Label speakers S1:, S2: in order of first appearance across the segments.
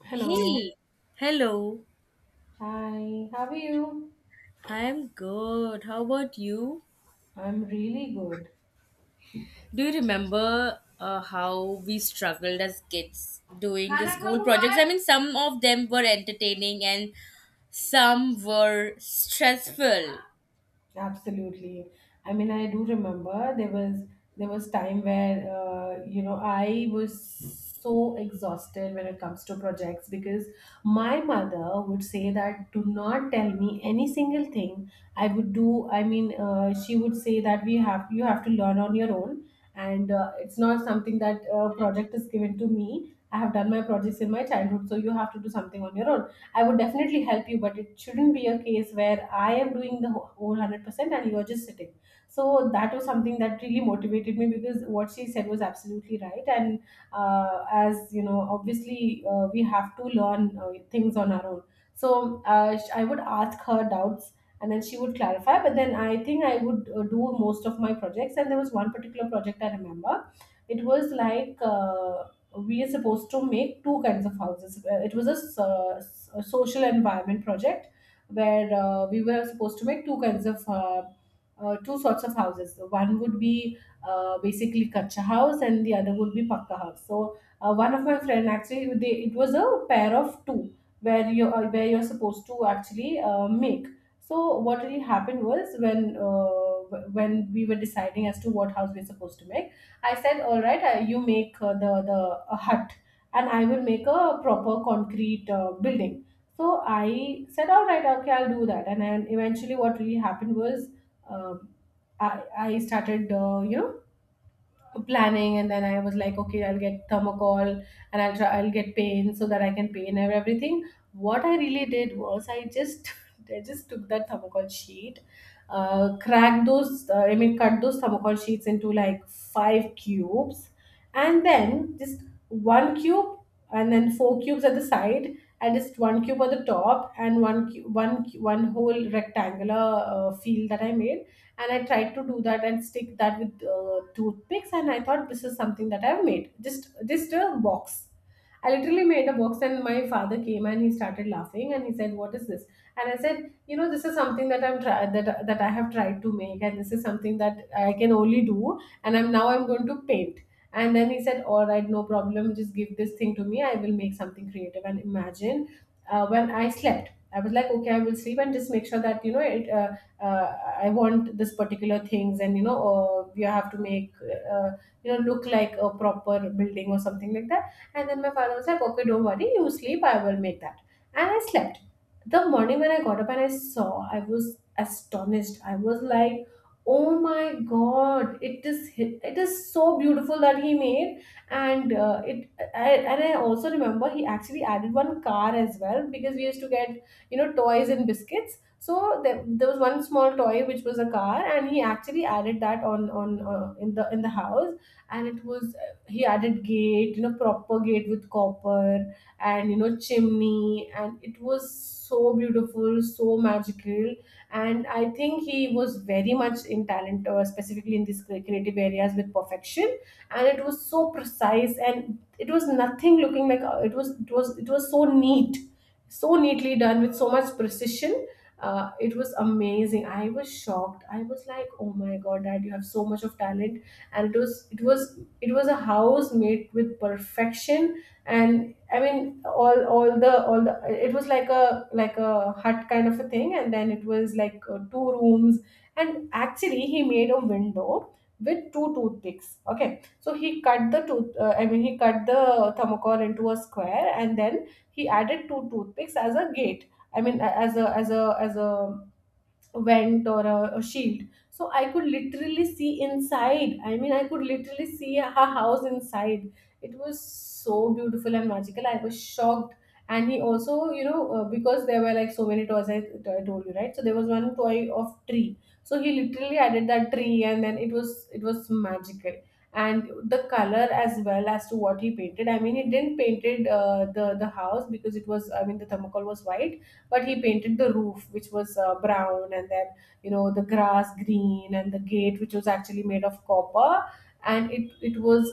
S1: Hello.
S2: Hey, hello.
S1: Hi. How are you?
S2: I'm good. How about you?
S1: I'm really good.
S2: Do you remember how we struggled as kids doing the school projects? I mean, some of them were entertaining and some were stressful.
S1: Absolutely. I mean, I do remember there was time where I was so exhausted when it comes to projects because my mother would say that do not tell me any single thing. I would do. I mean, she would say that we have you have to learn on your own, and it's not something that project is given to me. I have done my projects in my childhood, so you have to do something on your own. I would definitely help you, but it shouldn't be a case where I am doing the whole 100% and you're just sitting. So that was something that really motivated me because what she said was absolutely right. And as you know, obviously, we have to learn things on our own. So I would ask her doubts, and then she would clarify. But then I think I would do most of my projects. And there was one particular project I remember. It was like we are supposed to make two kinds of houses. It was a, a social environment project where we were supposed to make two kinds of two sorts of houses. One would be basically kacha house, and the other would be pakka house. So one of my friend, actually they, it was a pair of two where you where you're supposed to actually make. So what really happened was when when we were deciding as to what house we're supposed to make, I said, "All right, you make the a hut, and I will make a proper concrete building." So I said, "All right, okay, I'll do that." And then eventually, what really happened was, um, I I started, planning, and then I was like, okay, I'll get thermocol, and I'll get paint so that I can paint and everything. What I really did was I just I just took that thermocol sheet, cracked those cut those thermocol sheets into like five cubes, and then just one cube, and then four cubes at the side, and just one cube at the top, and one whole rectangular field that I made. And I tried to do that and stick that with toothpicks, and I thought this is something that I've made, just a box. I literally made a box, and my father came and he started laughing and he said, "What is this?" And I said, "You know, this is something that I'm that I have tried to make, and this is something that I can only do, and I'm going to paint." And then he said, "All right, no problem. Just give this thing to me. I will make something creative." And imagine, when I slept, I was like, "Okay, I will sleep, and just make sure that you know it. I want this particular things, and you know you have to make." Uh, you know, look like a proper building or something like that. And then my father was like, okay, don't worry, you sleep, I will make that. And I slept. The morning when I got up and I saw, I was astonished. I was like, oh my god, it is it is so beautiful that he made. And I also remember he actually added one car as well, because we used to get you know toys and biscuits. So there was one small toy which was a car, and he actually added that on in the house. And it was, he added gate, you know proper gate with copper, and you know chimney, and it was so beautiful, so magical. And I think he was very much in talent, specifically in these creative areas, with perfection. And it was so precise, and it was nothing looking like it was so neat, so neatly done, with so much precision. It was amazing. I was shocked. I was like, oh my god, dad, you have so much of talent. And it was a house made with perfection. And I mean, all the it was like a hut kind of a thing, and then it was like two rooms. And actually, he made a window with two toothpicks, okay? So he cut the tooth I mean he cut the thermocol into a square, and then he added two toothpicks as a gate. I mean, a- as a as a as a vent or a shield, so I could literally see inside. I mean, I could literally see her house inside. It was so beautiful and magical. I was shocked. And he also, you know because there were like so many toys, I told you right? So there was one toy of tree, so he literally added that tree, and then it was magical. And the color, as well as to what he painted. I mean, he didn't painted the house, because it was, I mean, the thermocol was white, but he painted the roof, which was brown, and then you know the grass green, and the gate, which was actually made of copper. And it was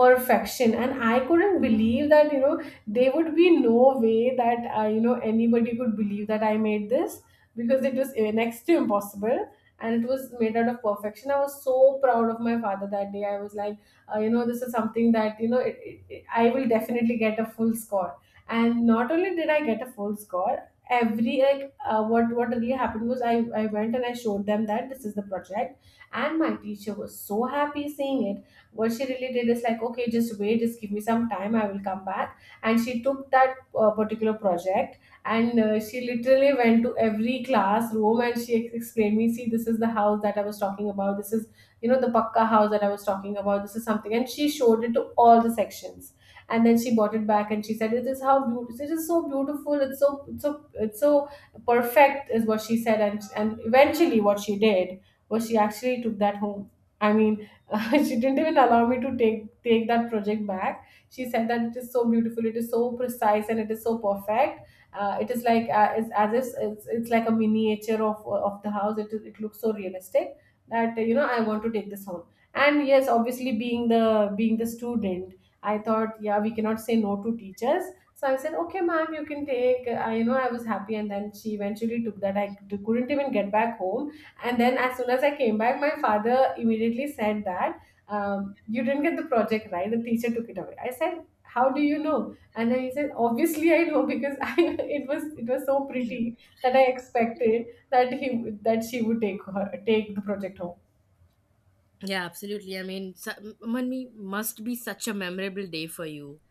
S1: perfection, and I couldn't believe that, you know, there would be no way that you know anybody could believe that I made this, because it was next to impossible. And it was made out of perfection. I was so proud of my father that day. I was like, you know, this is something that, you know, I will definitely get a full score. And not only did I get a full score, every like, what really happened was, I went and I showed them that this is the project, and my teacher was so happy seeing it. What she really did is like, okay, just wait, just give me some time, I will come back. And she took that particular project, and she literally went to every classroom, and she explained me, see, this is the house that I was talking about, this is, you know, the pakka house that I was talking about, this is something, and she showed it to all the sections. And then she brought it back and she said, it is how beautiful, it is so beautiful, it's so perfect, is what she said. And eventually what she did was, she actually took that home. I mean, she didn't even allow me to take that project back. She said that it is so beautiful, it is so precise, and it is so perfect. It is like it's as if it's like a miniature of the house. It looks so realistic, that you know I want to take this home. And yes, obviously, being the student, I thought, yeah, we cannot say no to teachers. So I said, okay, ma'am, you can take. I, you know, I was happy, and then she eventually took that. I couldn't even get back home, and then as soon as I came back, my father immediately said that, you didn't get the project right. The teacher took it away. I said, "How do you know?" And then he said, "Obviously, I know, because I, it was so pretty that I expected that he that she would take the project home."
S2: Yeah, absolutely. I mean, Manmi must be such a memorable day for you.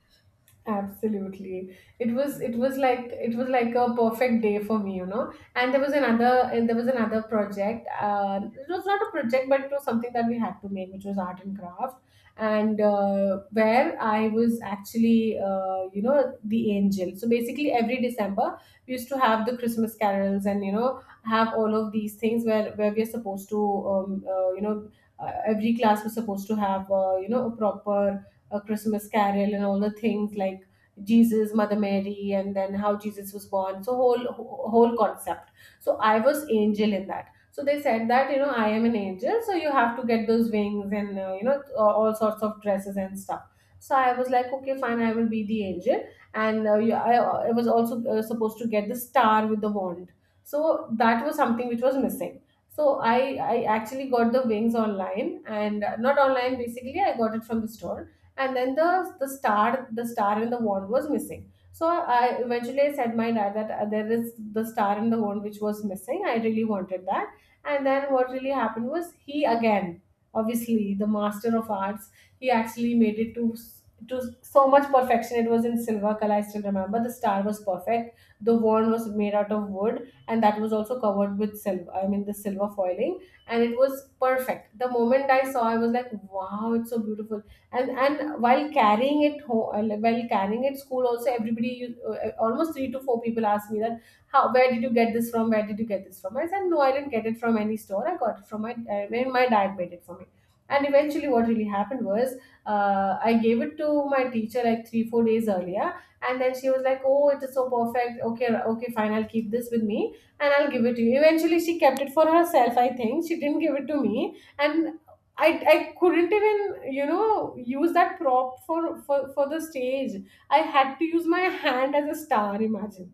S1: Absolutely. It was, it was like a perfect day for me, you know. And there was another, and there was another project. It was not a project, but it was something that we had to make, which was art and craft. And where I was actually, the angel. So basically, every December, we used to have the Christmas carols, and you know have all of these things where we are supposed to, every class was supposed to have, a proper, a Christmas Carol, and all the things like Jesus, Mother Mary, and then how Jesus was born. So whole concept. So I was angel in that. So they said that, you know, I am an angel, so you have to get those wings, and you know all sorts of dresses and stuff. So I was like, okay, fine, I will be the angel, and I was also supposed to get the star with the wand. So that was something which was missing. So I actually got the wings online, and not online, basically I got it from the store. And then the star and the wand was missing. So I eventually I said my dad that there is the star and the wand which was missing, I really wanted that. And then what really happened was, he again, obviously the master of arts, he actually made it to so much perfection. It was in silver color. I still remember, the star was perfect, the wand was made out of wood, and that was also covered with silver, I mean the silver foiling. And it was perfect. The moment I saw, I was like, wow, it's so beautiful. And while carrying it home, while carrying it school also, everybody, almost three to four people asked me that, how, where did you get this from, where did you get this from? I said, no, I didn't get it from any store, I got it from my dad made it for me. And eventually what really happened was, I gave it to my teacher like 3-4 days earlier, and then she was like, oh, it is so perfect, okay, okay, fine, I'll keep this with me, and I'll give it to you. Eventually she kept it for herself, I think she didn't give it to me. And I couldn't even, you know, use that prop for, for the stage. I had to use my hand as a star, imagine.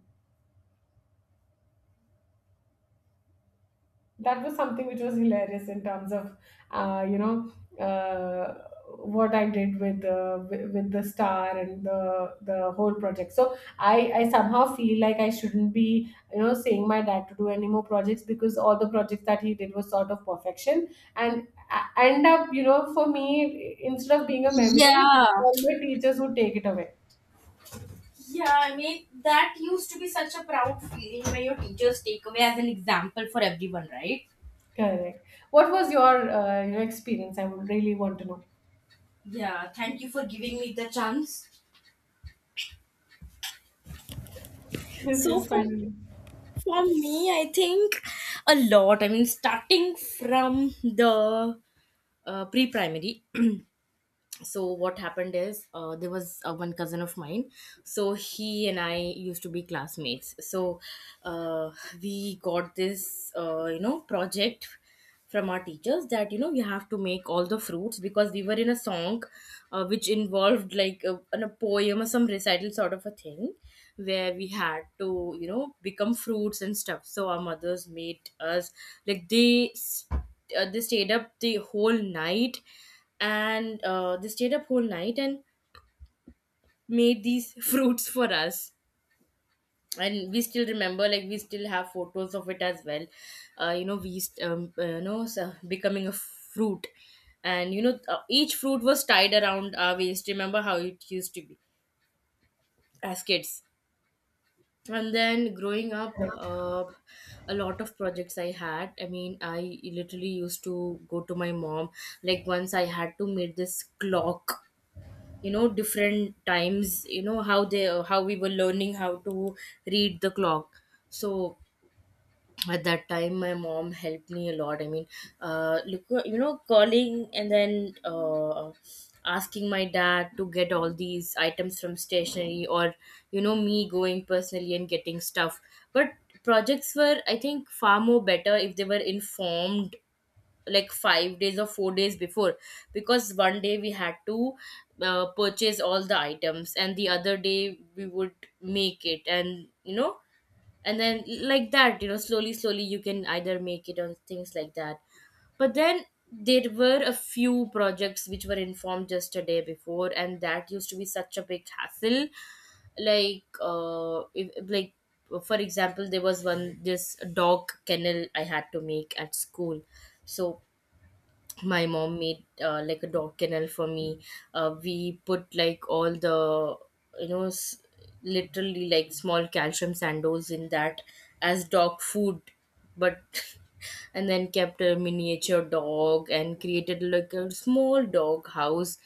S1: That was something which was hilarious in terms of uh, you know uh, what I did with with the star and the whole project. So I somehow feel like I shouldn't be, you know, saying my dad to do any more projects, because all the projects that he did was sort of perfection. And I end up, you know, for me, instead of being a memory,
S2: Yeah.
S1: all my teachers would take it away.
S2: Yeah, I mean, that used to be such a proud feeling where your teachers take away as an example for everyone, right?
S1: Correct. What was your experience? I would really want to know.
S2: Yeah, thank you for giving me the chance.
S1: Yes,
S2: So
S1: yes,
S2: for
S1: finally.
S2: for me, I think a lot. I mean, starting from the pre-primary. So what happened is there was one cousin of mine. So he and I used to be classmates. So uh, we got this, you know, project from our teachers that you know you have to make all the fruits because we were in a song which involved like a poem or some recital sort of a thing where we had to you know become fruits and stuff. So our mothers made us, like they stayed up the whole night, and made these fruits for us. And we still remember, like we still have photos of it as well. You know we used you know, so becoming a fruit. And you know each fruit was tied around our waist, remember how it used to be as kids. And then growing up, a lot of projects I had. I mean, I literally used to go to my mom. Like once I had to make this clock, you know, different times, you know how they, how we were learning how to read the clock. So at that time my mom helped me a lot. I mean, look, you know, calling and then asking my dad to get all these items from stationery, or you know, me going personally and getting stuff. But projects were, I think, far more better if they were informed like 5 days or 4 days before, because one day we had to purchase all the items, and the other day we would make it, and you know. And then like that, you know, slowly slowly you can either make it on things like that. But then there were a few projects which were informed just a day before, and that used to be such a big hassle. Like uh if, like for example, there was one, this dog kennel I had to make at school. So my mom made, like a dog kennel for me. We put, like, all the you know literally like small calcium sandows in that as dog food. But and then kept a miniature dog and created like a small dog house.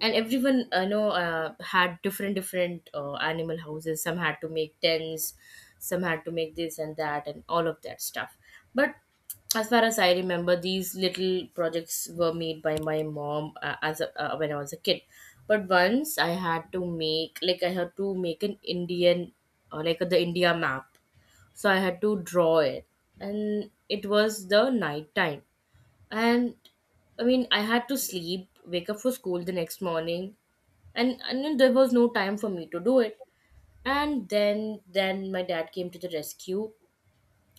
S2: And everyone I know had different different animal houses. Some had to make tents, some had to make this and that and all of that stuff. But as far as I remember, these little projects were made by my mom when I was a kid. But once I had to make, like I had to make an indian, or like the india map. So I had to draw it, and it was the night time. And I mean, I had to sleep, wake up for school the next morning. And, then there was no time for me to do it. And then my dad came to the rescue.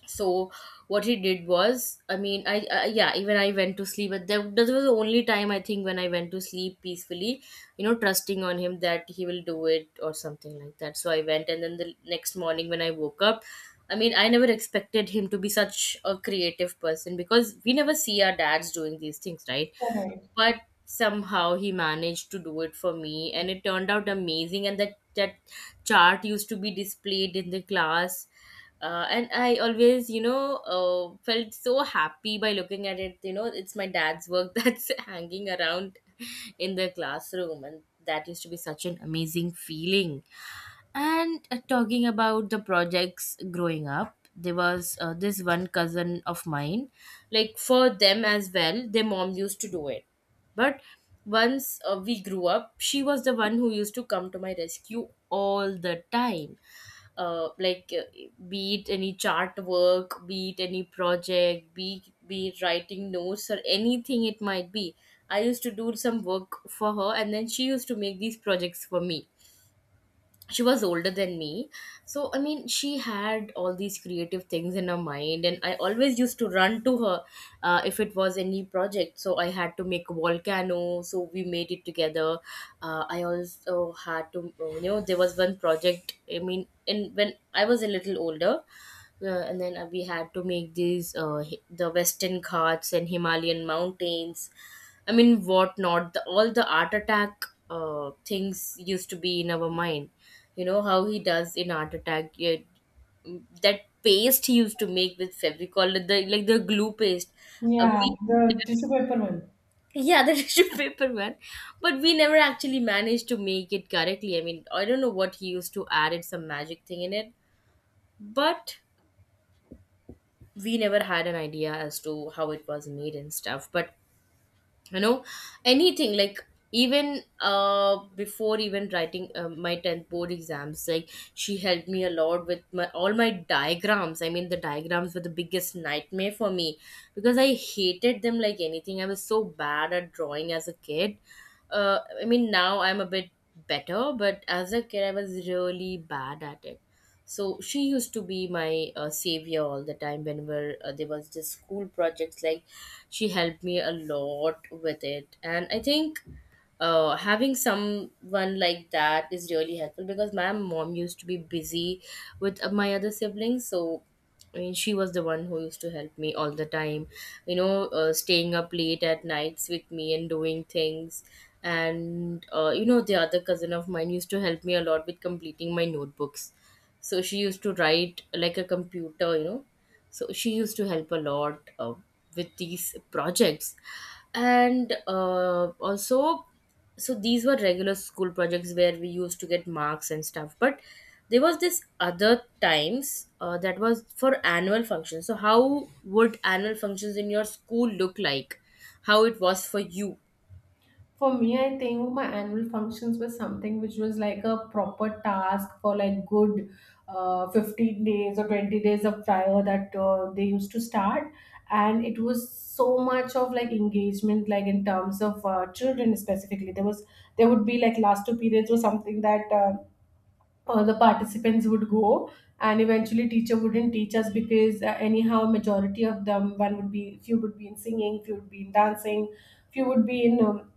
S2: So what he did was, I mean I, yeah, even I went to sleep. But that was the only time I think when I went to sleep peacefully, you know, trusting on him that he will do it or something like that. So I went, and then the next morning when I woke up, I mean, I never expected him to be such a creative person, because we never see our dads doing these things, right?
S1: Correct.
S2: But somehow he managed to do it for me, and it turned out amazing. And that chart used to be displayed in the class. And I always felt so happy by looking at it. You know, it's my dad's work that's hanging around in the classroom, and that used to be such an amazing feeling. And talking about the projects growing up, there was this one cousin of mine. Like for them as well, their mom used to do it. But once we grew up, she was the one who used to come to my rescue all the time. Uh, like, uh, be it any chart work, be it any project, be it writing notes or anything it might be. I used to do some work for her, and then she used to make these projects for me. She was older than me. So I mean, she had all these creative things in her mind, and I always used to run to her. If it was any project, so I had to make a volcano, so we made it together. I also had to, you know, there was one project, I mean, in when I was a little older. And then we had to make these the Western Ghats and Himalayan mountains. I mean, what not? The, all the art attack things used to be in our mind. You know how he does in art attack. Yeah, that paste he used to make with Fevicol, like the glue paste. Uh,
S1: Yeah,
S2: we,
S1: the tissue paper one.
S2: yeah, the tissue paper man. But we never actually managed to make it correctly. I mean, I don't know what he used to add. It's some magic thing in it. But we never had an idea as to how it was made and stuff. But you know, anything like, even before, even writing my 10th board exams, like she helped me a lot with my, all my diagrams. I mean, the diagrams were the biggest nightmare for me, because I hated them like anything. I was so bad at drawing as a kid. I mean, now I'm a bit better, but as a kid I was really bad at it. So she used to be my savior all the time. Whenever there was this school projects, like she helped me a lot with it. And I think, having someone like that is really helpful, because my mom used to be busy with my other siblings. So I mean, she was the one who used to help me all the time, you know, staying up late at nights with me and doing things. And, you know, the other cousin of mine used to help me a lot with completing my notebooks. So she used to write like a computer, you know. So she used to help a lot with these projects. And also, so these were regular school projects where we used to get marks and stuff. But there was this other times, that was for annual functions. So how would annual functions in your school look like, how it was for you?
S1: For me, I think my annual functions was something which was like a proper task for like good 15 days or 20 days of prior that they used to start. And it was so much of like engagement, like in terms of children specifically. There would be like last two periods or something that the participants would go. And eventually teacher wouldn't teach us, because anyhow majority of them, one would be few would be in singing, few would be in dancing, few would be in um,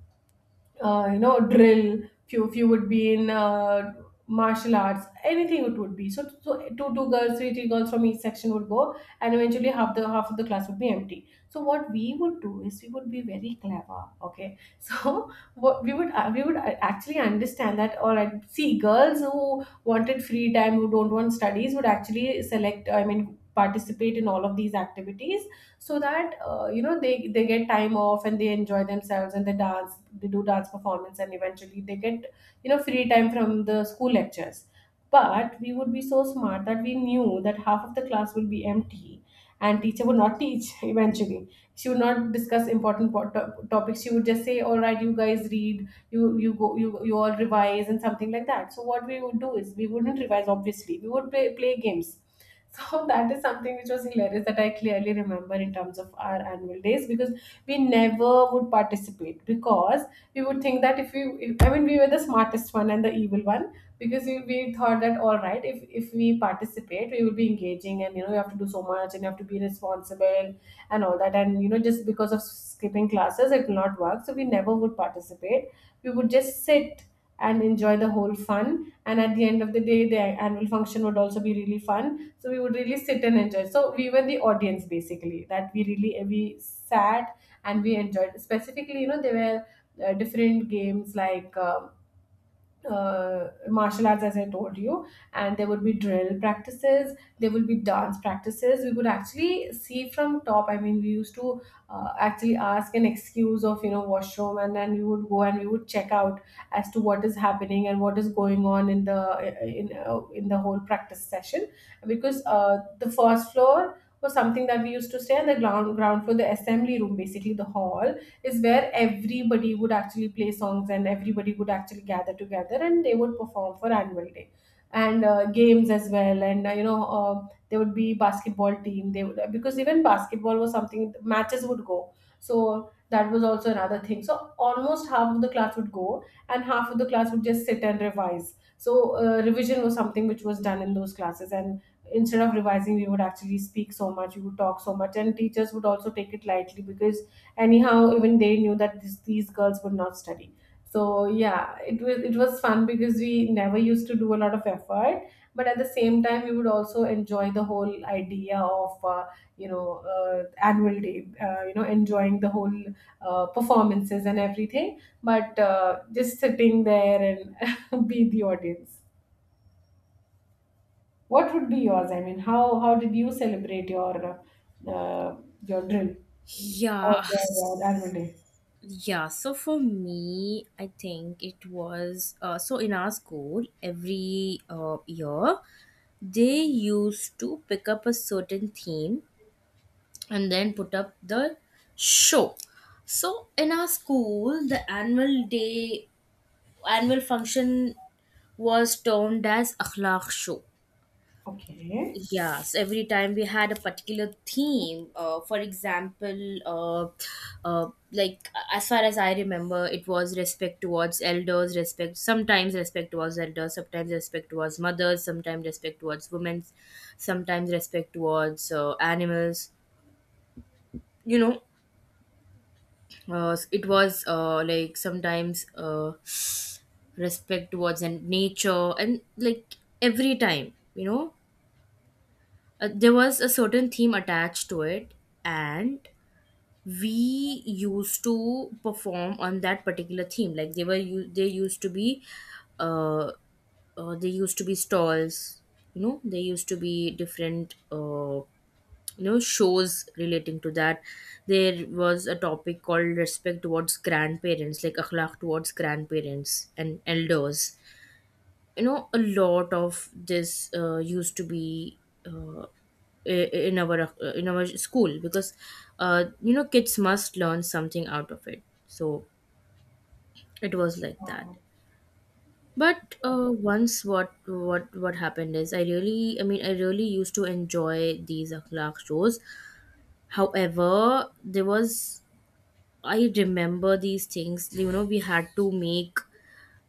S1: uh, you know drill, few would be in martial arts, anything it would be. So two two girls three three girls from each section would go. And eventually half of the class would be empty. So what we would do is, we would be very clever, okay. So what we would, actually understand that, all right, see, girls who wanted free time, who don't want studies, would actually select, I mean, participate in all of these activities, so that they get time off, and they enjoy themselves, and they dance, they do dance performance, and eventually they get, you know, free time from the school lectures. But we would be so smart that we knew that half of the class will be empty, and teacher would not teach, eventually. She would not discuss important topics. She would just say, all right, you guys read, you go, you all revise, and something like that. So what we would do is, we wouldn't revise obviously, we would play games. So that is something which was hilarious, that I clearly remember in terms of our annual days. Because we never would participate. Because we would think that, if we, if, I mean, we were the smartest one and the evil one. Because we thought that, all right, if we participate, we will be engaging, and you know you have to do so much, and you have to be responsible and all that, and you know just because of skipping classes it will not work. So we never would participate. We would just sit and enjoy the whole fun, and at the end of the day the annual function would also be really fun, so we would really sit and enjoy. So we were the audience basically, that we sat and we enjoyed. Specifically, you know, there were different games like martial arts, as I told you, and there would be drill practices, there will be dance practices. We would actually see from top, I mean we used to actually ask an excuse of, you know, washroom, and then we would go and we would check out as to what is happening and what is going on in the whole practice session. Because the first floor was something that we used to stay on the ground floor. The assembly room, basically the hall, is where everybody would actually play songs and everybody would actually gather together, and they would perform for annual day, and games as well. And there would be basketball team, they would, because even basketball was something, matches would go. So that was also another thing. So almost half of the class would go, and half of the class would just sit and revise. So revision was something which was done in those classes, and instead of revising we would actually speak so much, we would talk so much. And teachers would also take it lightly, because anyhow even they knew that these girls would not study. So yeah, it was fun, because we never used to do a lot of effort. But at the same time, we would also enjoy the whole idea of annual day, enjoying the whole performances and everything. But just sitting there and be the audience. What would be yours, I mean, how did you celebrate uh, your drill, or
S2: Yeah.
S1: your annual day?
S2: Yeah, so for me, I think it was, so in our school every year, they used to pick up a certain theme and then put up the show. So in our school, the annual day, annual function was termed as akhlaq show.
S1: Okay.
S2: Yes, every time we had a particular theme. Like as far as I remember, it was respect towards elders, respect, sometimes respect towards elders, sometimes respect towards mothers, sometimes respect towards women, sometimes respect towards animals. You know, it was like sometimes respect towards and nature, and like every time there was a certain theme attached to it, and we used to perform on that particular theme. Like, they were uh, they used to be stalls. They used to be different, shows relating to that. There was a topic called respect towards grandparents, like akhlaq towards grandparents and elders. A lot of this used to be uh, in our, in our school, because you know, kids must learn something out of it, so it was like that. But once, what happened is, I really used to enjoy these akhlaq shows. However, there was, I remember these things. We had to make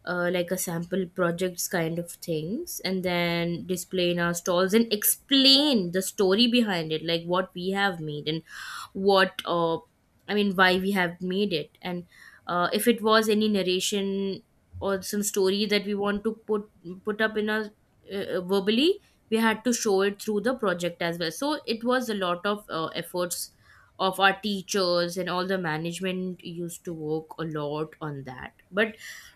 S2: like a sample projects kind of things, and then display in our stalls and explain the story behind it, like what we have made, and what I mean why we have made it. And if it was any narration or some story that we want to put up in a verbally, we had to show it through the project as well. So it was a lot of efforts of our teachers, and all the management used to work a lot on that. But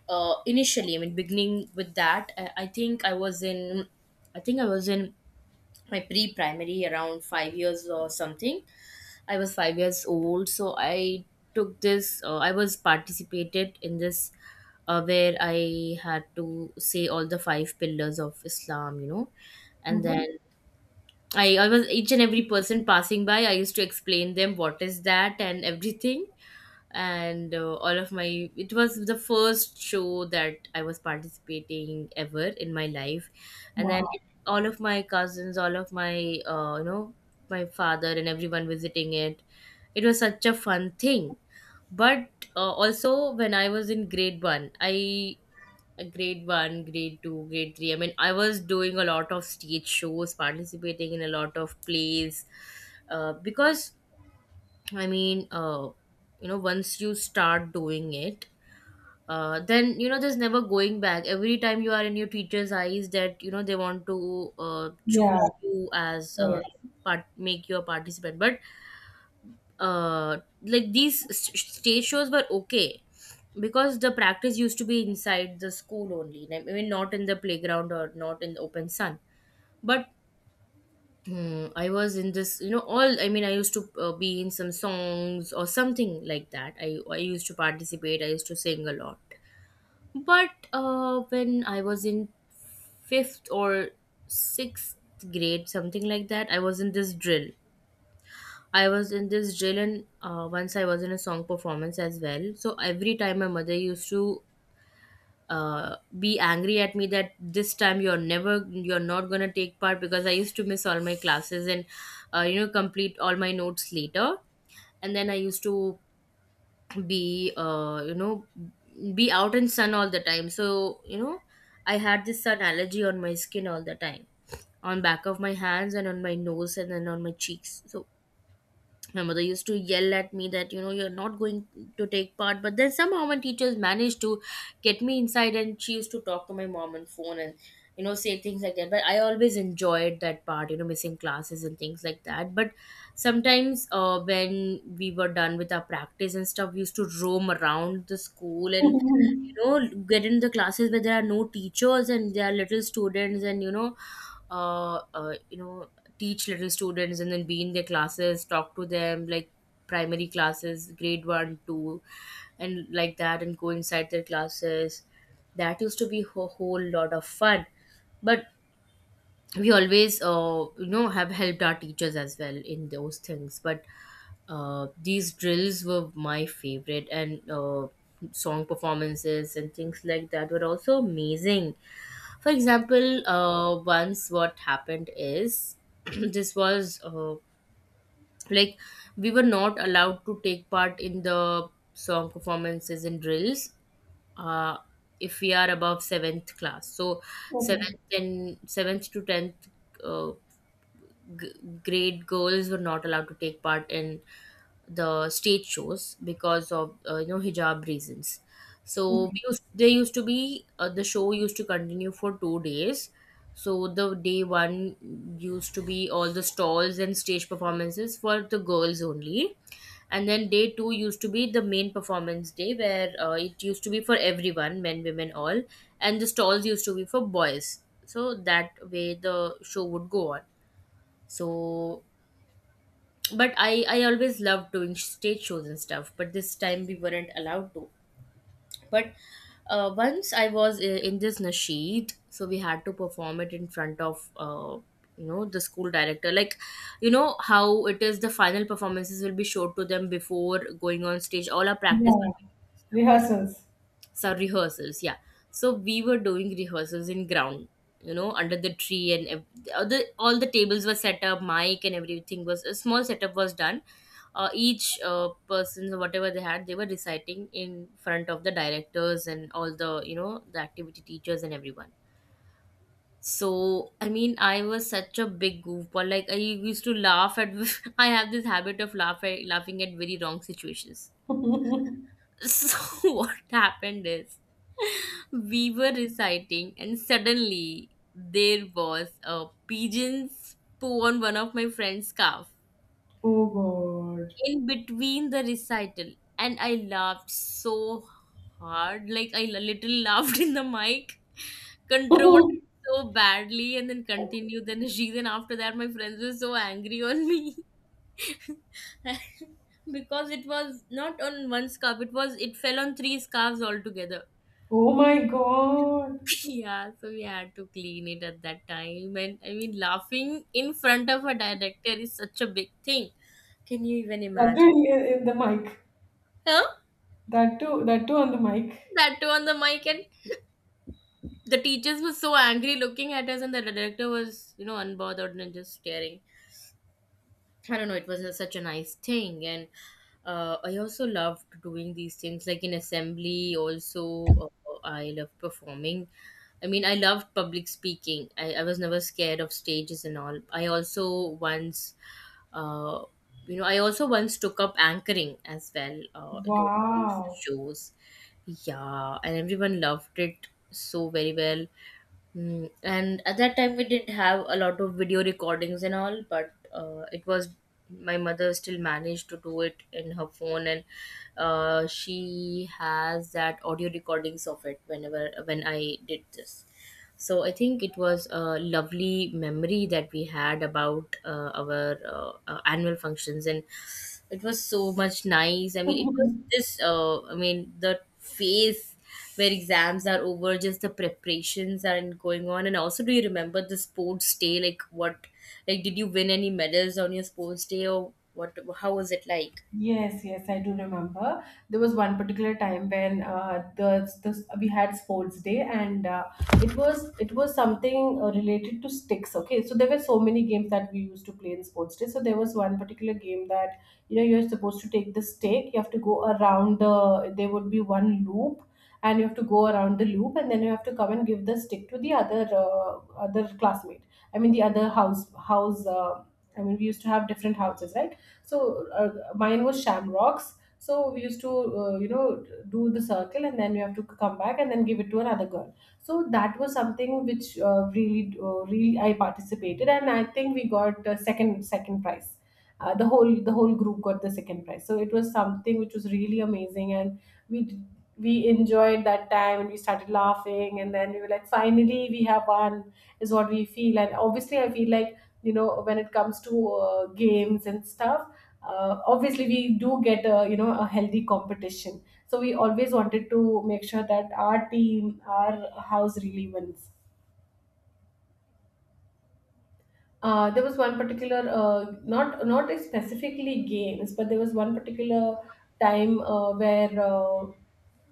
S2: initially, I mean, beginning with that, I think I was in my pre-primary, around 5 years or something. I was 5 years old, so I took this, I was participated in this, where I had to say all the five pillars of islam. And
S1: Mm-hmm.
S2: then I was, each and every person passing by, I used to explain them what is that and everything. And all of my, it was the first show that I was participating ever in my life. And then
S1: Wow.
S2: all of my cousins, all of my, my father and everyone visiting it, it was such a fun thing. But also when I was in grade 1, I grade 1, grade 2, grade 3, I mean I was doing a lot of stage shows, participating in a lot of plays, because I mean, uh, you know, once you start doing it, then you know there's never going back. Every time you are in your teacher's eyes, that you know they want to choose
S1: Yeah,
S2: you as
S1: correct.
S2: part, make you a participant. But like, these stage shows were okay, because the practice used to be inside the school only. I mean, not in the playground or not in the open sun. But hmm, I was in this, you know, all, I mean, I used to be in some songs or something like that. I used to participate, I used to sing a lot. But when I was in fifth or sixth grade, something like that, I was in this drill. I was in this drill, and once I was in a song performance as well. So every time my mother used to be angry at me, that this time you're never, you're not going to take part, because I used to miss all my classes, and you know, complete all my notes later. And then I used to be, you know, be out in sun all the time, so you know, I had this sun allergy on my skin all the time, on back of my hands and on my nose and then on my cheeks. So my mother used to yell at me that, you know, you're not going to take part, but then somehow my teachers managed to get me inside, and she used to talk to my mom on phone and, you know, say things like that. But I always enjoyed that part, you know, missing classes and things like that. But sometimes when we were done with our practice and stuff, we used to roam around the school and, you know, get in the classes where there are no teachers and there are little students, and you know, teach little students and then be in their classes, talk to them, like primary classes, grade one, two, and like that, and go inside their classes. That used to be a whole lot of fun. But we always, you know, have helped our teachers as well in those things. But these drills were my favorite, and song performances and things like that were also amazing. For example, once what happened is, this was like, we were not allowed to take part in the song performances and drills uh, if we are above seventh class. So
S1: Okay,
S2: seventh and seventh to tenth uh, g- grade girls were not allowed to take part in the stage shows because of you know, hijab reasons. So
S1: okay.
S2: we used, they used to be, the show used to continue for 2 days. So the day one used to be all the stalls and stage performances for the girls only, and then day two used to be the main performance day, where it used to be for everyone, men women all, and the stalls used to be for boys, so that way the show would go on. So, but I always loved doing stage shows and stuff, but this time we weren't allowed to. But once I was, in this nasheed, so we had to perform it in front of, you know, the school director. Like, you know how it is, the final performances will be showed to them before going on stage, all our practice.
S1: Yeah, rehearsals.
S2: So rehearsals, yeah. So we were doing rehearsals in ground, you know, under the tree, and all the tables were set up, mic and everything, was a small setup was done. Each person, whatever they had, they were reciting in front of the directors and all the, you know, the activity teachers and everyone. So I mean, I was such a big goofball. Like, I used to laugh at, I have this habit of laughing at very wrong situations.
S1: Oh
S2: So what happened is, we were reciting, and suddenly there was a pigeon's poo on one of my friend's scarf
S1: God.
S2: in between the recital. And I laughed so hard, like, I little laughed in the mic, controlled it so badly and then continued, then she, then after that my friends were so angry on me. Because it was not on one scarf, it was, it fell on three scarves altogether.
S1: Oh my God.
S2: Yeah, so we had to clean it at that time. And I mean, laughing in front of a director is such a big thing. Can you even
S1: That
S2: imagine?
S1: too, in the mic.
S2: Huh?
S1: That too on the mic.
S2: That too on the mic, and the teachers were so angry looking at us, and the director was, you know, unbothered and just staring. I don't know, it was a- such a nice thing. And I also loved doing these things, like in assembly also, I love performing. I mean, I loved public speaking. I was never scared of stages and all. I also once, uh, you know, I also once took up anchoring as well during these
S1: Wow.
S2: shows. Yeah, and everyone loved it so very well. Mm, and at that time we didn't have a lot of video recordings and all, but it was, my mother still managed to do it in her phone, and she has that audio recordings of it whenever when I did this. So I think it was a lovely memory that we had about our annual functions, and it was so much nice. I mean, it was this, I mean, the phase where exams are over, just the preparations are going on. And also, do you remember the sports day? Like, what, like, did you win any medals on your sports day, or what, how was it like?
S1: Yes, yes, I do remember. There was one particular time when the we had sports day, and it was something related to sticks. Okay, so there were so many games that we used to play in sports day. So there was one particular game, that, you know, you're supposed to take the stick. You have to go around the. There would be one loop, and you have to go around the loop, and then you have to come and give the stick to the other classmate. I mean, the other house. I mean, we used to have different houses, right? So mine was shamrocks. So we used to, do the circle, and then you have to come back and then give it to another girl. So that was something which really I participated, and I think we got second prize. The whole group got the second prize. So it was something which was really amazing, and we d- we enjoyed that time. And we started laughing, and then we were like, finally we have won is what we feel. And obviously I feel like, you know, when it comes to games and stuff, obviously we do get a you know a healthy competition. So we always wanted to make sure that our team, our house, really wins. There was one particular, not specifically games, but there was one particular time where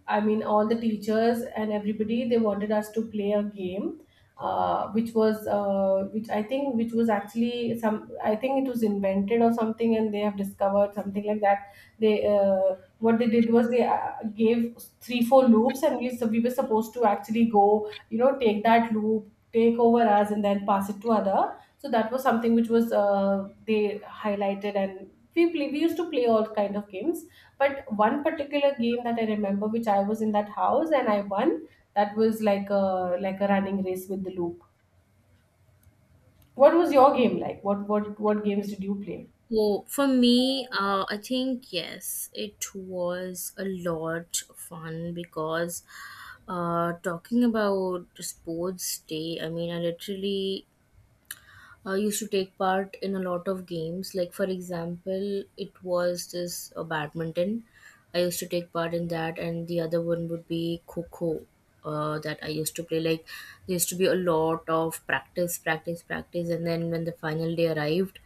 S1: I mean, all the teachers and everybody, they wanted us to play a game, which I think, which was actually some, I think it was invented or something, and they have discovered something like that. They, what they did was, they gave 3-4 loops, and we were supposed to actually go, take that loop, take over us, and then pass it to other. So that was something which was, they highlighted. And we used to play all kind of games. But one particular game that I remember, which I was in that house and I won, that was like a running race with the loop. What was your game like? What games did you play?
S2: So for me, I think yes, it was a lot of fun, because talking about the sports day, I mean, I literally used to take part in a lot of games. Like, for example, it was this badminton. I used to take part in that, and the other one would be Coco. That I used to play. Like, there used to be a lot of practice, practice, practice, and then when the final day arrived,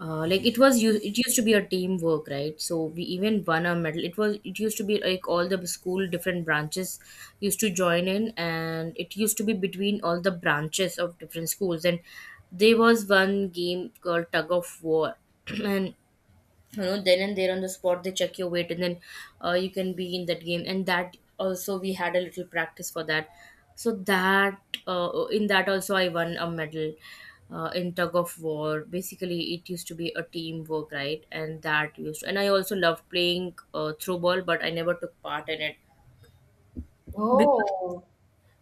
S2: like, it was it used to be a teamwork, right? So we even won a medal. It was, it used to be like, all the school different branches used to join in, and it used to be between all the branches of different schools. And there was one game called tug of war. And you know, then and there on the spot they check your weight, and then you can be in that game, and that also we had a little practice for that. So that in that also I won a medal in tug of war. Basically it used to be a teamwork, right? And that used to, and I also loved playing throw ball, but I never took part in it because
S1: Oh,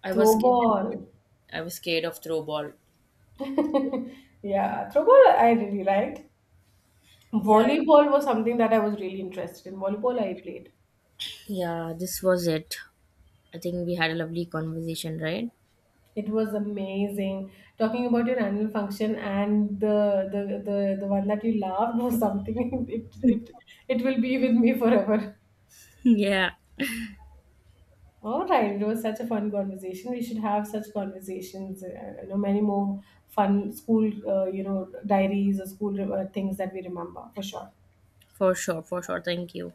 S2: I was
S1: throw
S2: scared.
S1: ball.
S2: I was scared of throw ball.
S1: Yeah, throw ball I really liked. Volleyball was something that I was really interested in. Volleyball I played.
S2: Yeah, this was it. I think we had a lovely conversation, right?
S1: It was amazing. Talking about your annual function, and the one that you loved was something, it will be with me forever.
S2: yeah,
S1: All right, it was such a fun conversation. We should have such conversations. Many more fun school, diaries, or school things that we remember for sure.
S2: for sure, for sure, thank you.